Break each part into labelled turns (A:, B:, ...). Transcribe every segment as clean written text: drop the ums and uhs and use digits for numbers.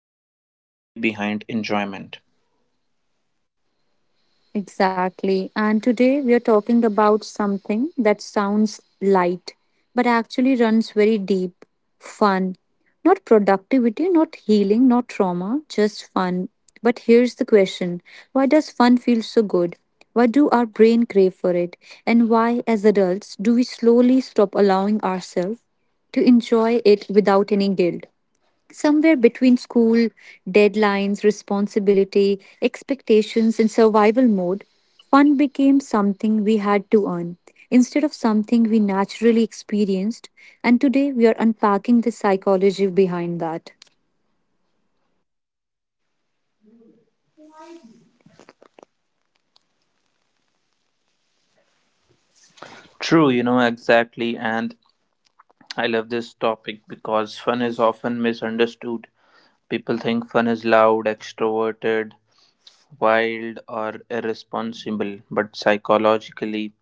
A: so good, the psychology behind enjoyment.
B: Exactly. And today we are talking about something that sounds light, but actually runs very deep fun. Not productivity, not healing, not trauma, just fun. But here's the question. Why does fun feel so good? Why do our brain crave for it? And why, as adults, do we slowly stop allowing ourselves to enjoy it without any guilt? Somewhere between school, deadlines, responsibility, expectations, and survival mode, fun became something we had to earn instead of something we naturally experienced. And today we are unpacking the psychology behind that.
A: True, you know, exactly, and I love this topic because fun is often misunderstood. People think fun is loud, extroverted, wild, or irresponsible, but psychologically,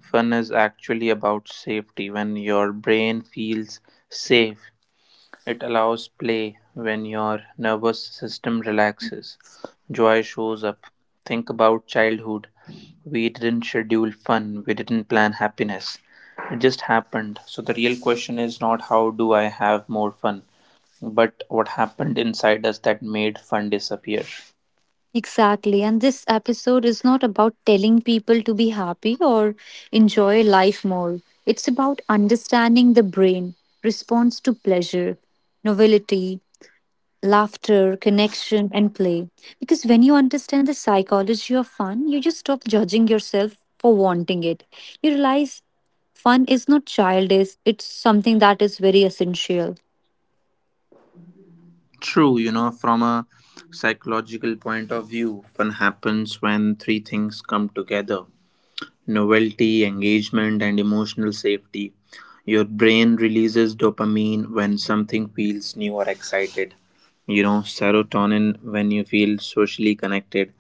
A: fun is actually about safety. When your brain feels safe, it allows play. When your nervous system relaxes, joy shows up. Think about childhood. We didn't schedule fun, we didn't plan happiness. It just happened. So the real question is not how do I have more fun, but what happened inside us that made fun disappear.
B: Exactly. And this episode is not about telling people to be happy or enjoy life more. It's about understanding the brain, response to pleasure, novelty, laughter, connection, and play. Because when you understand the psychology of fun, you just stop judging yourself for wanting it. You realize fun is not childish, it's something that is very essential.
A: True, you know, from a psychological point of view, fun happens when three things come together: novelty, engagement, and emotional safety. Your brain releases dopamine when something feels new or excited, you know, serotonin when you feel socially connected,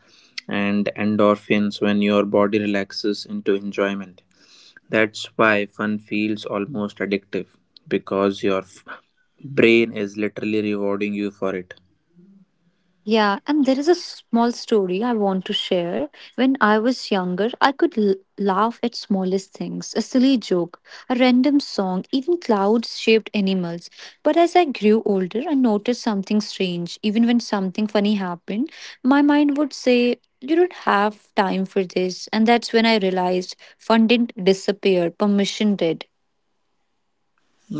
A: and endorphins when your body relaxes into enjoyment. That's why fun feels almost addictive because your brain is literally rewarding you for it.
B: Yeah, and there is a small story I want to share. When I was younger, I could laugh at smallest things, a silly joke, a random song, even clouds shaped animals. But as I grew older, I noticed something strange. Even when something funny happened, my mind would say, "You don't have time for this." And that's when I realized fun didn't disappear, permission did.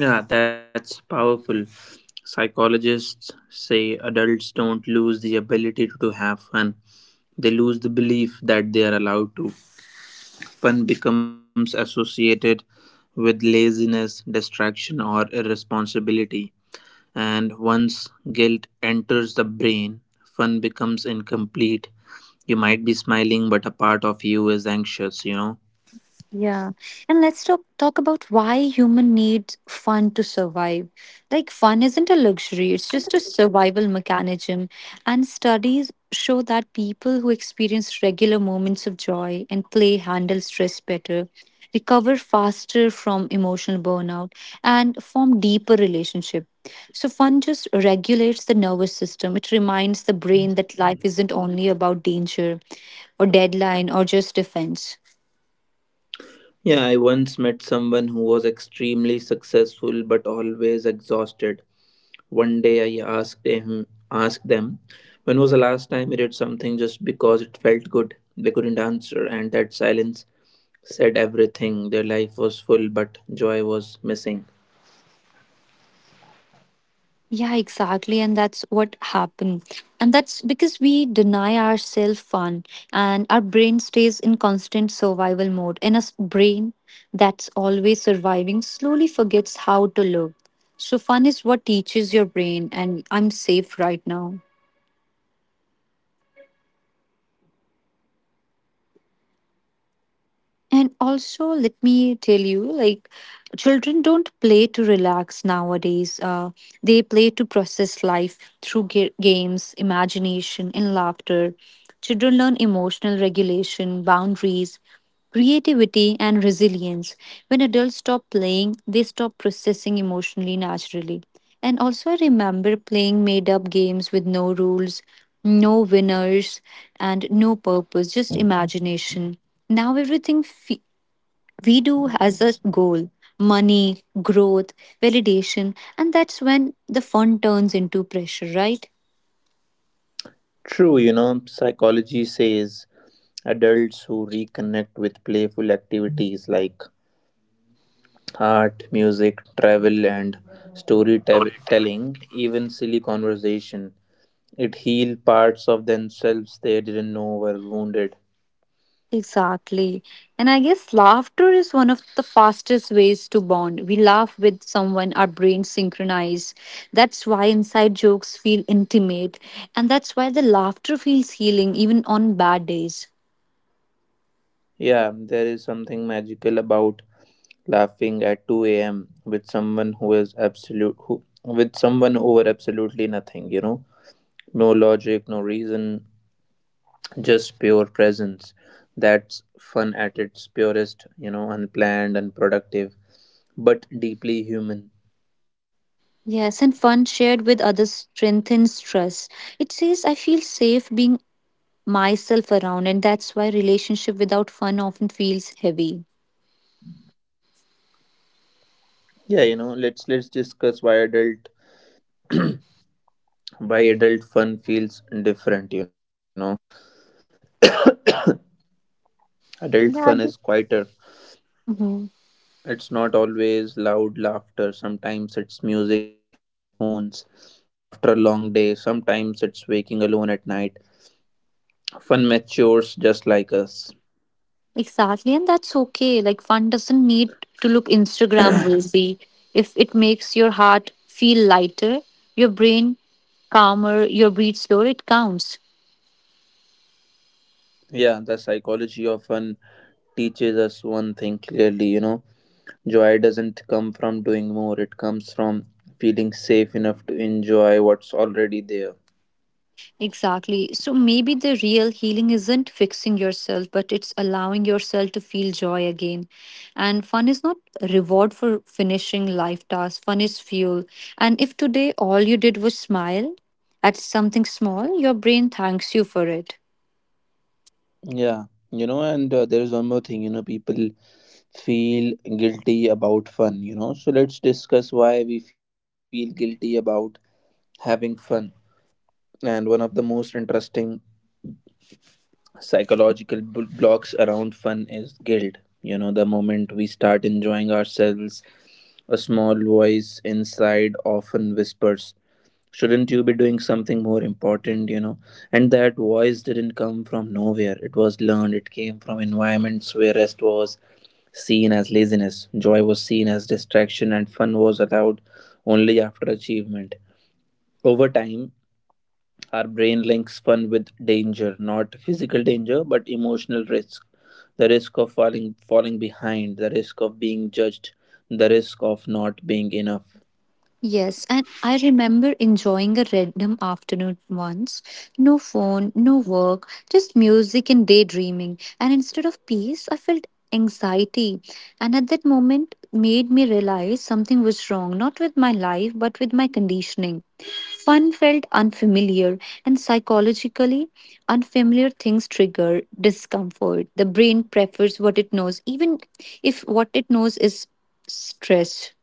A: Yeah, that's powerful. Psychologists say adults don't lose the ability to have fun. They lose the belief that they are allowed to. Fun becomes associated with laziness, distraction, or irresponsibility. And once guilt enters the brain, fun becomes incomplete. You might be smiling, but a part of you is anxious, you know?
B: Yeah. And let's talk about why human need fun to survive. Like fun isn't a luxury, it's just a survival mechanism. And studies show that people who experience regular moments of joy and play handle stress better, recover faster from emotional burnout, and form deeper relationship. So fun just regulates the nervous system. It reminds the brain that life isn't only about danger or deadline or just defense.
A: Yeah, I once met someone who was extremely successful but always exhausted. One day I asked them, when was the last time you did something just because it felt good? They couldn't answer, and that silence said everything. Their life was full, but joy was missing.
B: Yeah, exactly. And that's what happened. And that's because we deny ourselves fun and our brain stays in constant survival mode. And a brain that's always surviving slowly forgets how to live. So, fun is what teaches your brain, and I'm safe right now. And also, let me tell you, like, children don't play to relax nowadays. They play to process life through games, imagination, and laughter. Children learn emotional regulation, boundaries, creativity, and resilience. When adults stop playing, they stop processing emotionally naturally. And also, I remember playing made up games with no rules, no winners, and no purpose, just imagination now we do has a goal money, growth, validation, and that's when the fun turns into pressure, right?
A: True, you know, psychology says adults who reconnect with playful activities like art, music, travel, and storytelling, even silly conversation, it heals parts of themselves they didn't know were wounded.
B: Exactly. And I guess laughter is one of the fastest ways to bond. We laugh with someone, our brains synchronize. That's why inside jokes feel intimate. And that's why the laughter feels healing even on bad days.
A: Yeah, there is something magical about laughing at 2 a.m. with someone who is absolute who with someone over absolutely nothing, you know. No logic, no reason, just pure presence. That's fun at its purest, you know, unplanned, unproductive, but deeply human.
B: Yes, and fun shared with others strengthens trust. It says, I feel safe being myself around and that's why relationship without fun often feels heavy.
A: Yeah, you know, let's discuss why adult fun feels different, you know. Adult fun
B: yeah
A: is
B: I just-
A: quieter.
B: Mhm.
A: It's not always loud laughter. Sometimes it's music in headphones after a long day. Sometimes it's waking alone at night. Fun matures just like us.
B: Exactly, and that's okay. Like fun doesn't need to look Instagram worthy. If it makes your heart feel lighter, your brain calmer, your breathe slower, it counts.
A: Yeah, the psychology of fun teaches us one thing clearly, you know. Joy doesn't come from doing more, it comes from feeling safe enough to enjoy what's already there.
B: Exactly. So maybe the real healing isn't fixing yourself, but it's allowing yourself to feel joy again. And fun is not a reward for finishing life tasks, fun is fuel. And if today all you did was smile at something small, your brain thanks you for it.
A: Yeah, you know, and there is one more thing, you know. People feel guilty about fun, you know. So let's discuss why we feel guilty about having fun. And one of the most interesting psychological blocks around fun is guilt. You know, the moment we start enjoying ourselves, a small voice inside often whispers, shouldn't you be doing something more important, you know? And that voice didn't come from nowhere. It was learned, it came from environments where rest was seen as laziness, joy was seen as distraction, and fun was allowed only after achievement. Over time, our brain links fun with danger, not physical danger, but emotional risk. The risk of falling behind, the risk of being judged, the risk of not being enough.
B: Yes, and I remember enjoying a random afternoon once. No phone, no work, just music and daydreaming. And instead of peace, I felt anxiety. And at that moment, made me realize something was wrong, not with my life, but with my conditioning. Fun felt unfamiliar, and psychologically, unfamiliar things trigger discomfort. The brain prefers what it knows, even if what it knows is stress.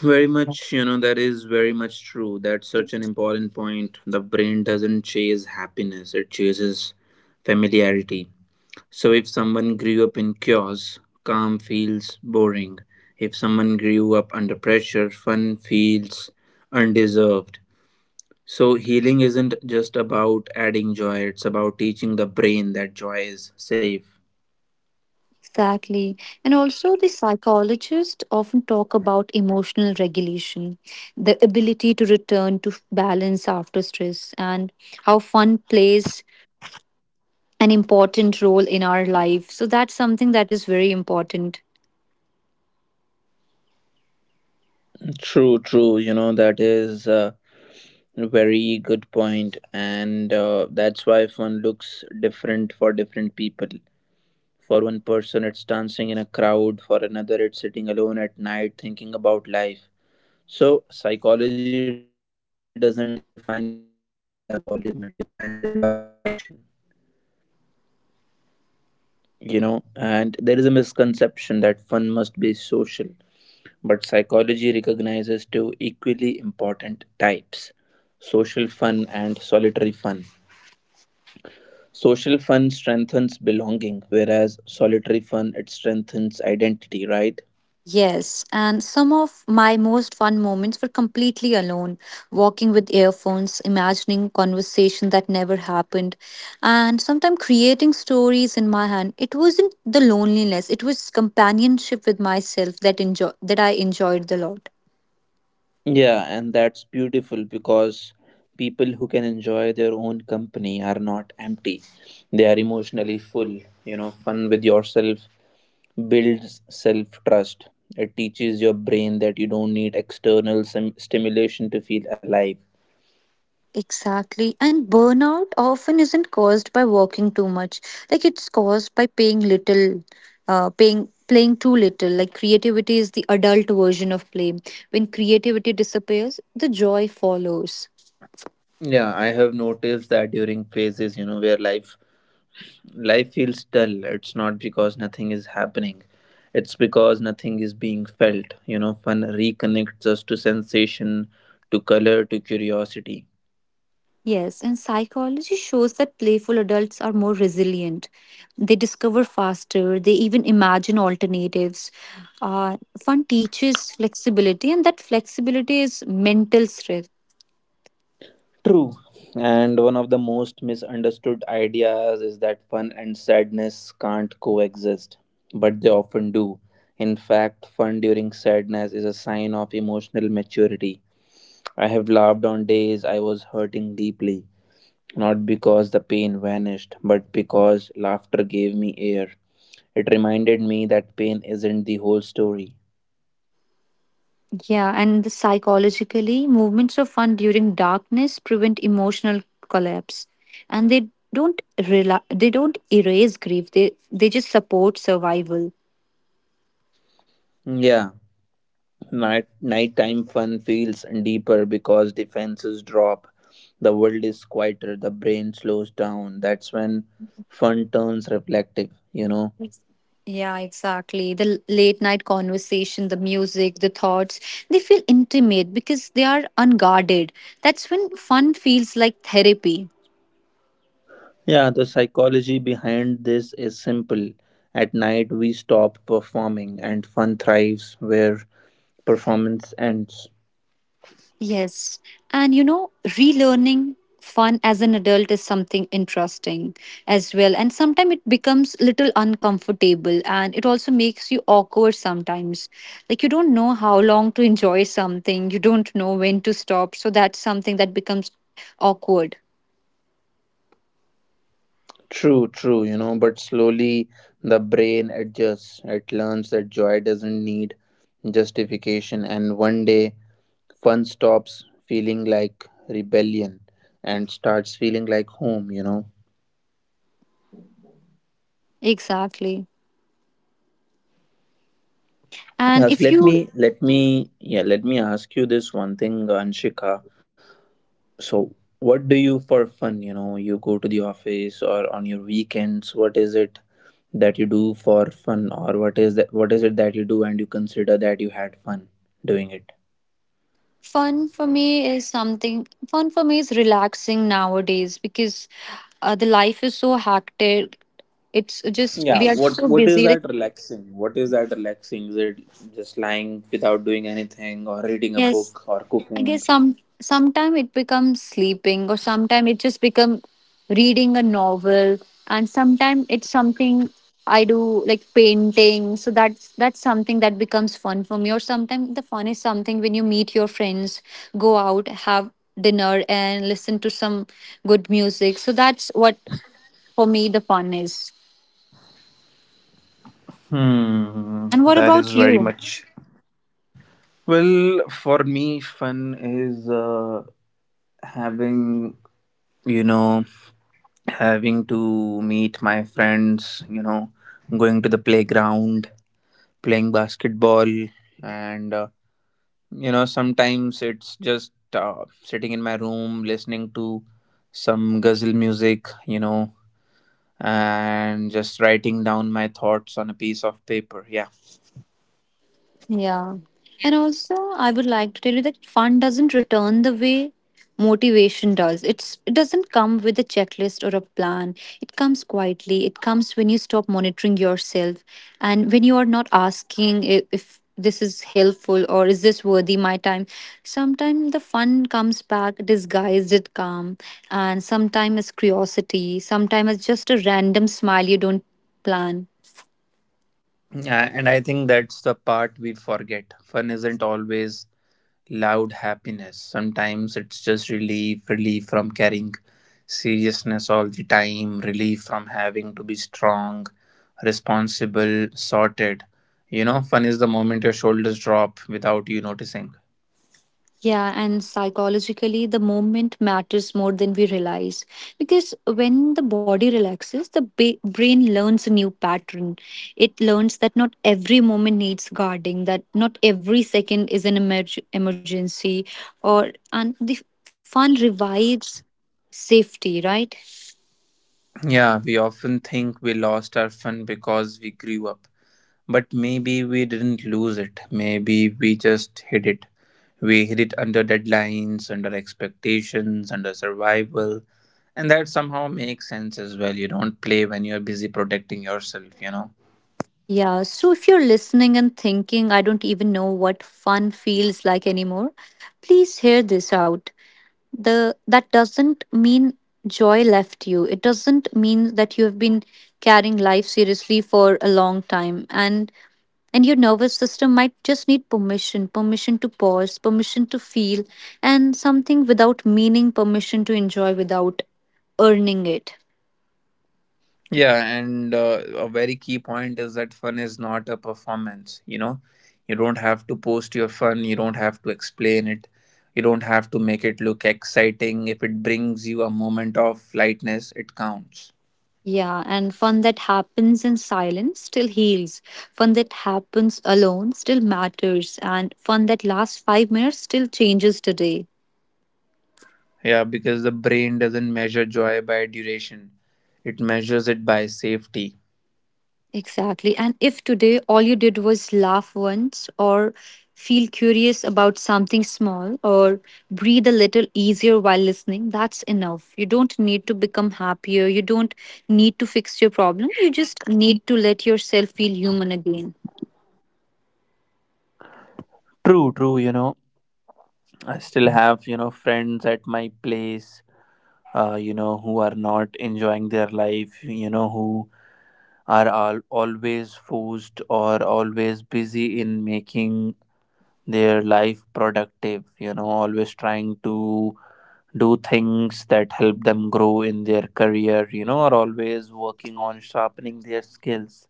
A: Very much, you know, that is very much true. That's such an important point. The brain doesn't chase happiness, it chases familiarity. So if someone grew up in chaos, calm feels boring. If someone grew up under pressure, fun feels undeserved. So healing isn't just about adding joy, it's about teaching the brain that joy is safe.
B: Exactly. And also, the psychologists often talk about emotional regulation, the ability to return to balance after stress, and how fun plays an important role in our life. So, that's something that is very important.
A: True, true. You know, that is a very good point, and that's why fun looks different for different people. For one person, it's dancing in a crowd, for another, it's sitting alone at night thinking about life. So psychology doesn't define fun by volume, it defines it by regulation. You know, and there is a misconception that fun must be social, but psychology recognizes two equally important types: social fun and solitary fun. Social fun strengthens belonging, whereas solitary fun, it strengthens identity, right?
B: Yes, and some of my most fun moments were completely alone, walking with earphones, imagining conversation that never happened, and sometimes creating stories in my hand. It wasn't the loneliness, it was companionship with myself that I enjoyed the lot.
A: Yeah, and that's beautiful because people who can enjoy their own company are not empty. They are emotionally full. You know, fun with yourself builds self trust. It teaches your brain that you don't need external stimulation to feel alive.
B: Exactly. And burnout often isn't caused by working too much. Like it's caused by paying little, paying playing too little. Like creativity is the adult version of play. When creativity disappears, the joy follows.
A: Yeah, I have noticed that during phases, you know, where life feels dull. It's not because nothing is happening. It's because nothing is being felt. You know, fun reconnects us to sensation, to color, to curiosity.
B: Yes, and psychology shows that playful adults are more resilient. They discover faster, they even imagine alternatives. Uh, Fun teaches flexibility, and that flexibility is mental strength.
A: True. And one of the most misunderstood ideas is that fun and sadness can't coexist, but they often do. In fact, fun during sadness is a sign of emotional maturity. I have laughed on days I was hurting deeply, not because the pain vanished, but because laughter gave me air. It reminded me that pain isn't the whole story.
B: Yeah, and the psychologically, movements of fun during darkness prevent emotional collapse, and they don't erase grief. They just support survival.
A: Yeah, nighttime fun feels deeper because defenses drop. The world is quieter, the brain slows down. That's when fun turns reflective, you know.
B: Yes. Yeah, exactly. The late night conversation, the music, the thoughts, they feel intimate because they are unguarded. That's when fun feels like therapy.
A: Yeah, the psychology behind this is simple. At night we stop performing, and fun thrives where performance ends.
B: Yes. And you know, relearning fun as an adult is something interesting as well. And sometimes it becomes little uncomfortable and it also makes you awkward sometimes. Like you don't know how long to enjoy something, you don't know when to stop. So that's something that becomes awkward.
A: True, true, you know, but slowly the brain adjusts. It learns that joy doesn't need justification, and one day fun stops feeling like rebellion and starts feeling like home, you know.
B: Exactly. And
A: Yes,
B: if
A: let
B: you
A: me let me yeah, let me ask you this one thing, Anshika. So what do you for fun? You know, you go to the office or on your weekends. What is it that you do for fun, or what is that? What is it that you do and you consider that you had fun doing it?
B: fun for me is relaxing nowadays because the life is so hectic. It's just
A: Yeah.
B: we are
A: What
B: so
A: What is
B: busy. Like
A: that relaxing? What is that relaxing? Is it just lying without doing anything, or reading a
B: yes,
A: book, or
B: I
A: cooking?
B: guess sometime it becomes sleeping, or sometime it just become reading a novel, and sometime it's something I do like painting. So that's something that becomes fun for me. Or sometimes the fun is something when you meet your friends, go out, have dinner, and listen to some good music. So that's what for me the fun is.
A: Hmm,
B: And what
A: that is
B: about
A: very
B: you?
A: much. Well, for me, fun is having, you know, having to meet my friends, you know, going to the playground, playing basketball, and you know, sometimes it's just sitting in my room listening to some ghazal music, you know, and just writing down my thoughts on a piece of paper. Yeah.
B: Yeah. And also, I would like to tell you that fun doesn't return the way motivation does. It's it doesn't come with a checklist or a plan. It comes quietly. It comes when you stop monitoring yourself and when you are not asking if this is helpful or is this worthy my time. Sometimes the fun comes back disguised as calm and sometimes as curiosity, sometimes as just a random smile you don't plan.
A: Yeah, and I think that's the part we forget. Fun isn't always loud happiness. Sometimes it's just relief, relief from carrying seriousness all the time, relief from having to be strong, responsible, sorted. You know, fun is the moment your shoulders drop without you noticing.
B: Yeah, and psychologically, the moment matters more than we realize. Because when the body relaxes, the brain learns a new pattern. It learns that not every moment needs guarding, that not every second is an emergency, or and the fun revives safety, right?
A: Yeah, we often think we lost our fun because we grew up. But maybe we didn't lose it. Maybe we just hid it. We hid it under deadlines, under expectations, under survival. And that somehow makes sense as well. You don't play when you're busy protecting yourself, you know?
B: Yeah, so if you're listening and thinking, I don't even know what fun feels like anymore, please hear this out. The That doesn't mean joy left you. It doesn't mean that you have been carrying life seriously for a long time. And your nervous system might just need permission, permission to pause, permission to feel and something without meaning, permission to enjoy without earning it.
A: Yeah, and a very key point is that fun is not a performance, you know? You don't have to post your fun, you don't have to explain it, you don't have to make it look exciting. If it brings you a moment of lightness, it counts.
B: Yeah and fun that happens in silence still heals. Fun that happens alone still matters, and fun that lasts 5 minutes still changes today.
A: Yeah, because the brain doesn't measure joy by duration, it measures it by safety.
B: Exactly. And if today all you did was laugh once or feel curious about something small or breathe a little easier while listening, that's enough. You don't need to become happier. You don't need to fix your problem. You just need to let yourself feel human again.
A: True, true. You know, I still have, you know, friends at my place, you know, who are not enjoying their life, you know, who are all, always forced or always busy in making their life productive, you know, always trying to do things that help them grow in their career, you know, or always working on sharpening their skills.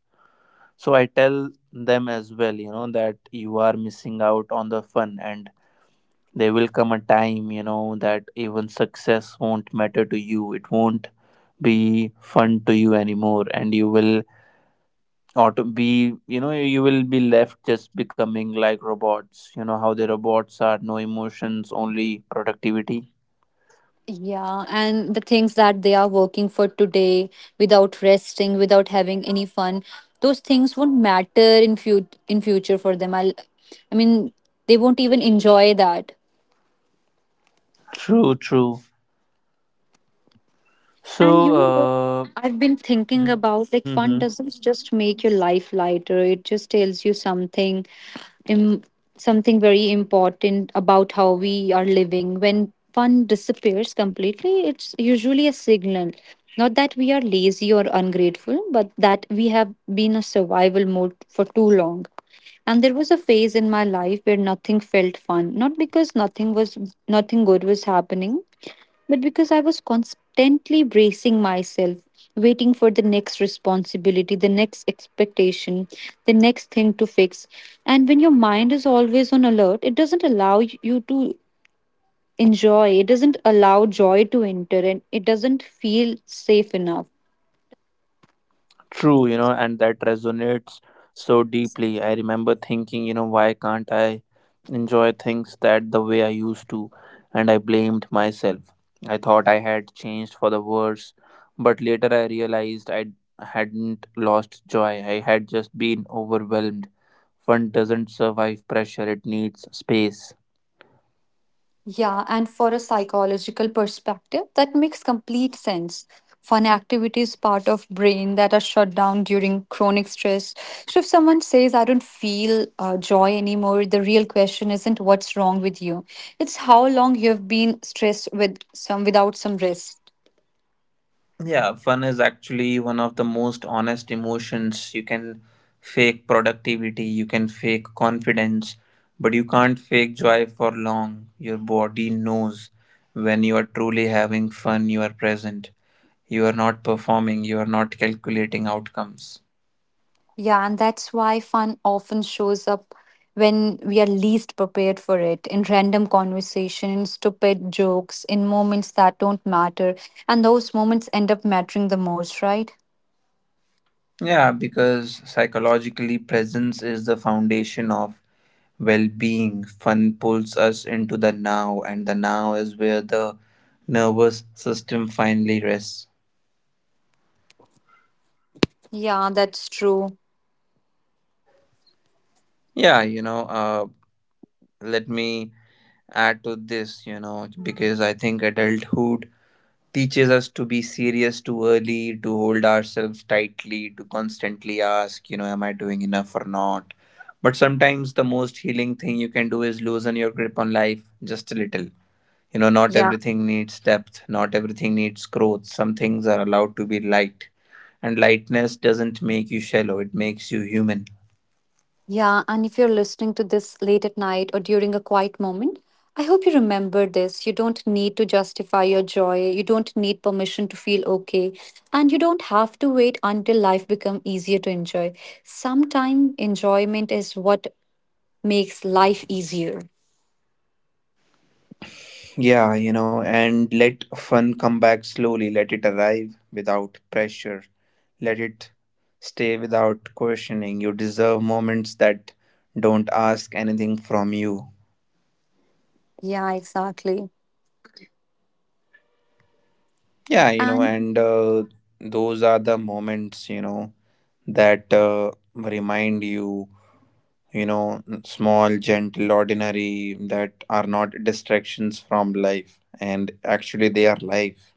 A: So I tell them as well, you know, that you are missing out on the fun, and there will come a time, you know, that even success won't matter to you. It won't be fun to you anymore, and you will auto be, you know, you will be left just becoming like robots. You know how the robots are, no emotions, only productivity.
B: Yeah, and the things that they are working for today without resting, without having any fun, those things won't matter in future for them. I mean, they won't even enjoy that.
A: True, true.
B: And you know what?
A: So,
B: I've been
A: uh,
B: thinking about
A: mm-hmm.
B: like fun doesn't just make your life lighter. It just tells you something Im- something very important about how we are living. When fun disappears completely, it's usually a signal. Not that we are lazy or ungrateful, but that we have been a survival mode for too long. And there was a phase in my life where nothing felt fun. Nothing good was happening, but because I was constantly bracing myself, waiting for the next responsibility, the next expectation, the next thing to fix. And when your mind is always on alert, it doesn't allow y- you to enjoy, it doesn't allow joy to enter, and it doesn't feel safe enough.
A: True, you know, and that resonates so deeply. I remember thinking, you know, why can't I enjoy things that the way I used to? And I blamed myself. I thought I had changed for the worse, but later I realized I hadn't lost joy. I had just been overwhelmed. Fun doesn't survive pressure, it needs space.
B: Yeah, and for a psychological perspective, that makes complete sense. Fun activities part of brain that are shut down during chronic stress. So if someone says, "I don't feel joy anymore," the real question isn't what's wrong with you. It's how long you have been stressed with some without some rest.
A: Yeah, fun is actually one of the most honest emotions. You can fake productivity, you can fake confidence, but you can't fake joy for long. Your body knows when you are truly having fun, you are present. You are not performing, you are not calculating outcomes.
B: Yeah, and that's why fun often shows up when we are least prepared for it in random conversation, in stupid jokes, in moments that don't matter. And those moments end up mattering the most, right?
A: Yeah, because psychologically, presence is the foundation of well being. Fun pulls us into the now, and the now is where the nervous system finally rests.
B: Yeah, that's true.
A: Yeah, you know, let me add to this, you know, because I think adulthood teaches us to be serious too early, to hold ourselves tightly, to constantly ask, you know, am I doing enough or not? But sometimes the most healing thing you can do is loosen your grip on life just a little. You know, not
B: Yeah.
A: everything needs depth, not everything needs growth. Some things are allowed to be light, and lightness doesn't make you shallow, it makes you human.
B: Yeah, and if you're listening to this late at night or during a quiet moment, I hope you remember this. You don't need to justify your joy. You don't need permission to feel okay. And you don't have to wait until life becomes easier to enjoy. Sometimes enjoyment is what makes life easier.
A: Yeah, you know, and let fun come back slowly. Let it arrive without pressure. Let it stay without questioning. You deserve moments that don't ask anything from you.
B: Yeah, exactly.
A: Yeah, you know,
B: And
A: and those are the moments, you know, that remind you, you know, small, gentle, ordinary, that are not distractions from life. And actually, they are life.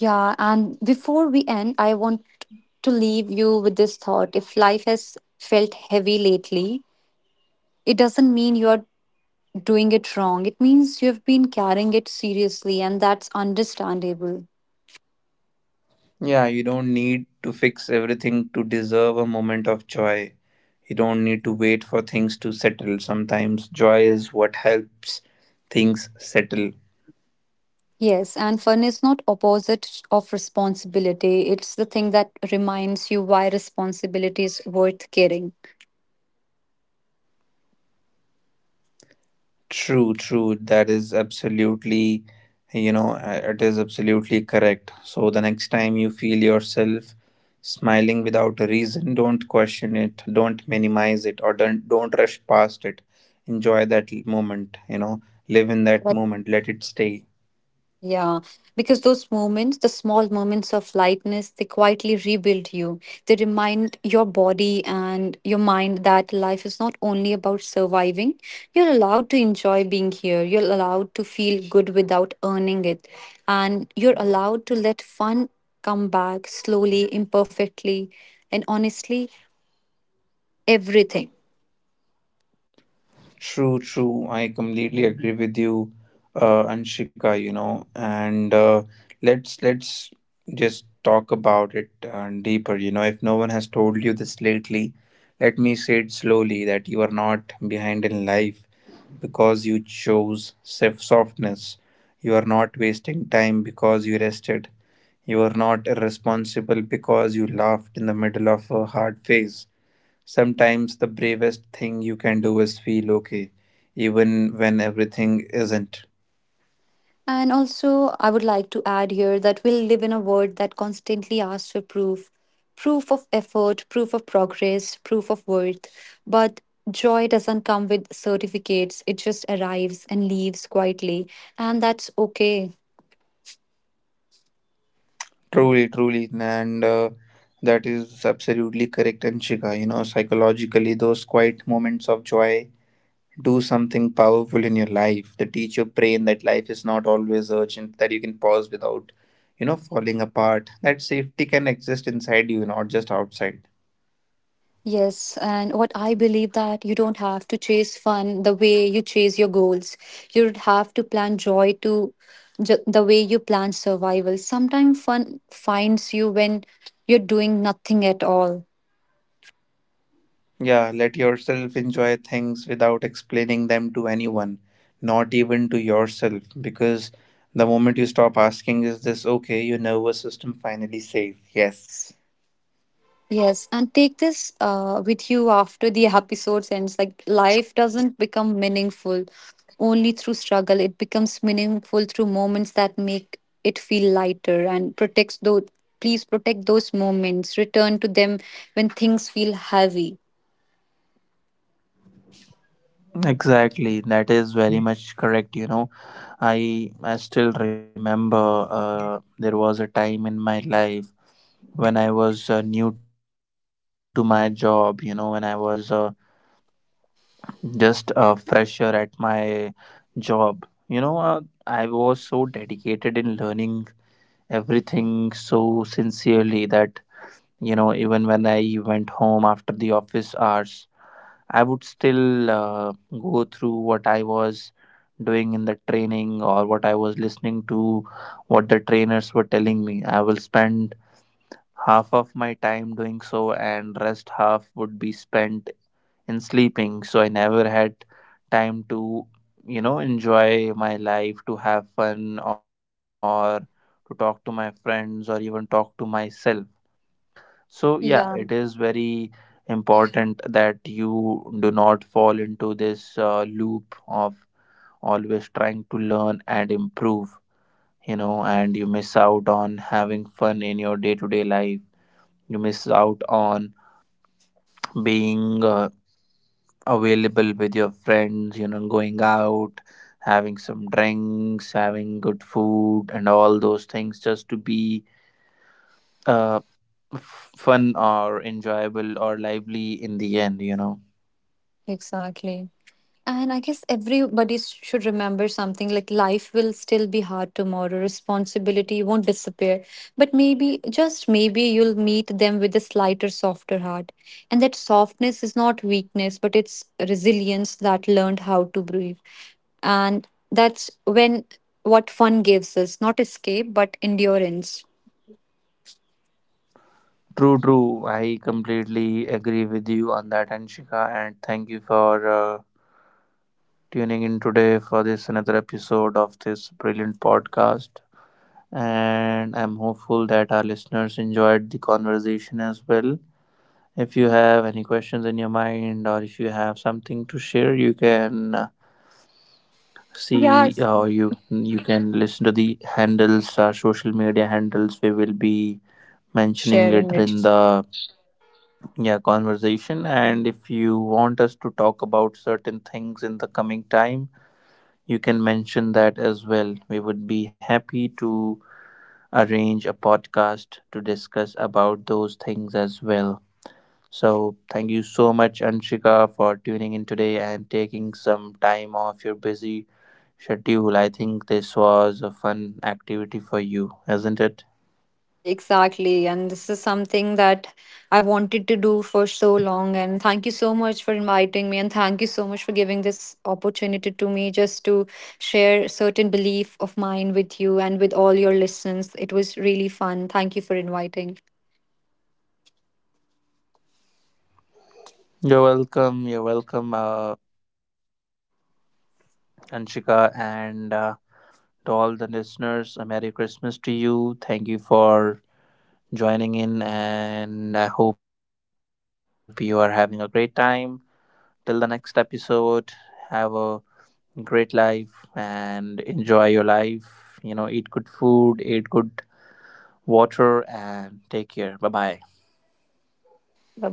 B: yeah, and before we end, I want to leave you with this thought. If life has felt heavy lately, it doesn't mean you're doing it wrong, it means you've been carrying it seriously, and that's understandable.
A: Yeah, you don't need to fix everything to deserve a moment of joy. You don't need to wait for things to settle. Sometimes joy is what helps things settle.
B: Yes, and fun is not opposite of responsibility. It's the thing that reminds you why responsibility is worth caring.
A: True, true. That is absolutely, it is absolutely correct. So the next time you feel yourself smiling without a reason, don't question it, don't minimize it, or don't rush past it. Enjoy that moment, you know, live in that moment, let it stay.
B: Yeah, because those moments, the small moments of lightness, they quietly rebuild you. They remind your body and your mind that life is not only about surviving. You're allowed to enjoy being here. You're allowed to feel good without earning it. And you're allowed to let fun come back slowly, imperfectly, and honestly, everything.
A: True, true. I completely agree with you, Anshika, and let's just talk about it deeper. You know, if no one has told you this lately, let me say it slowly that you are not behind in life because you chose self softness. You are not wasting time because you rested. You are not irresponsible because you laughed in the middle of a hard phase. Sometimes the bravest thing you can do is feel okay, even when everything isn't.
B: And also, I would like to add here that we live in a world that constantly asks for proof, proof of effort, proof of progress, proof of worth. But joy doesn't come with certificates, it just arrives and leaves quietly. And that's okay.
A: Truly, truly, and that is absolutely correct, Anshika. You know, psychologically, those quiet moments of joy do something powerful in your life. They teach your brain that life is not always urgent, that you can pause without, you know, falling apart, that safety can exist inside you, not just outside.
B: Yes, and what I believe that you don't have to chase fun the way you chase your goals. You don't have to plan joy to the way you plan survival. Sometimes fun finds you when you're doing nothing at all.
A: Yeah, let yourself enjoy things without explaining them to anyone, not even to yourself, because the moment you stop asking, is this okay, your nervous system finally says yes.
B: Yes, and take this with you after the episode ends. Like, life doesn't become meaningful only through struggle, it becomes meaningful through moments that make it feel lighter and protects those. Please protect those moments, return to them when things feel heavy.
A: Exactly, that is very much correct. You know, I still remember there was a time in my life when I was new to my job. You know, when I was just a fresher at my job, I was so dedicated in learning everything so sincerely that, you know, even when I went home after the office hours, I would still go through what I was doing in the training or what I was listening to, what the trainers were telling me. I will spend half of my time doing so, and rest half would be spent in sleeping. So I never had time to, you know, enjoy my life, to have fun, or to talk to my friends, or even talk to myself. So yeah, it
B: Yeah,
A: is very important that you do not fall into this loop of always trying to learn and improve, you know, and you miss out on having fun in your day to day life. You miss out on being available with your friends, you know, going out, having some drinks, having good food and all those things, just to be uh, fun or enjoyable or lively in the end, you know.
B: exactly. And I guess everybody should remember something like life will still be hard tomorrow. Responsibility won't disappear. But maybe, just maybe, you'll meet them with a slighter, softer heart. And that softness is not weakness, but it's resilience that learned how to breathe. And that's when what fun gives us, not escape, but endurance.
A: True, true. I completely agree with you on that, Anshika, and thank you for tuning in today for this another episode of this brilliant podcast, and I'm hopeful that our listeners enjoyed the conversation as well. If you have any questions in your mind or if you have something to share, you can
B: Yeah,
A: see, or you can listen to the handles, our social media handles we will be mentioning
B: sharing
A: later
B: it.
A: in the, yeah, conversation. And if you want us to talk about certain things in the coming time, you can mention that as well. We would be happy to arrange a podcast to discuss about those things as well. So thank you so much, Anshika, for tuning in today and taking some time off your busy schedule. I think this was a fun activity for you, isn't it?
B: Exactly. And this is something that I wanted to do for so long. And thank you so much for inviting me. And thank you so much for giving this opportunity to me just to share certain belief of mine with you and with all your listeners. It was really fun. Thank you for inviting.
A: You're welcome. You're welcome, Anshika, and to all the listeners, a Merry Christmas to you. Thank you for joining in, and I hope you are having a great time. Till the next episode, have a great life and enjoy your life. You know, eat good food, eat good water, and take care. Bye bye.
B: Bye bye.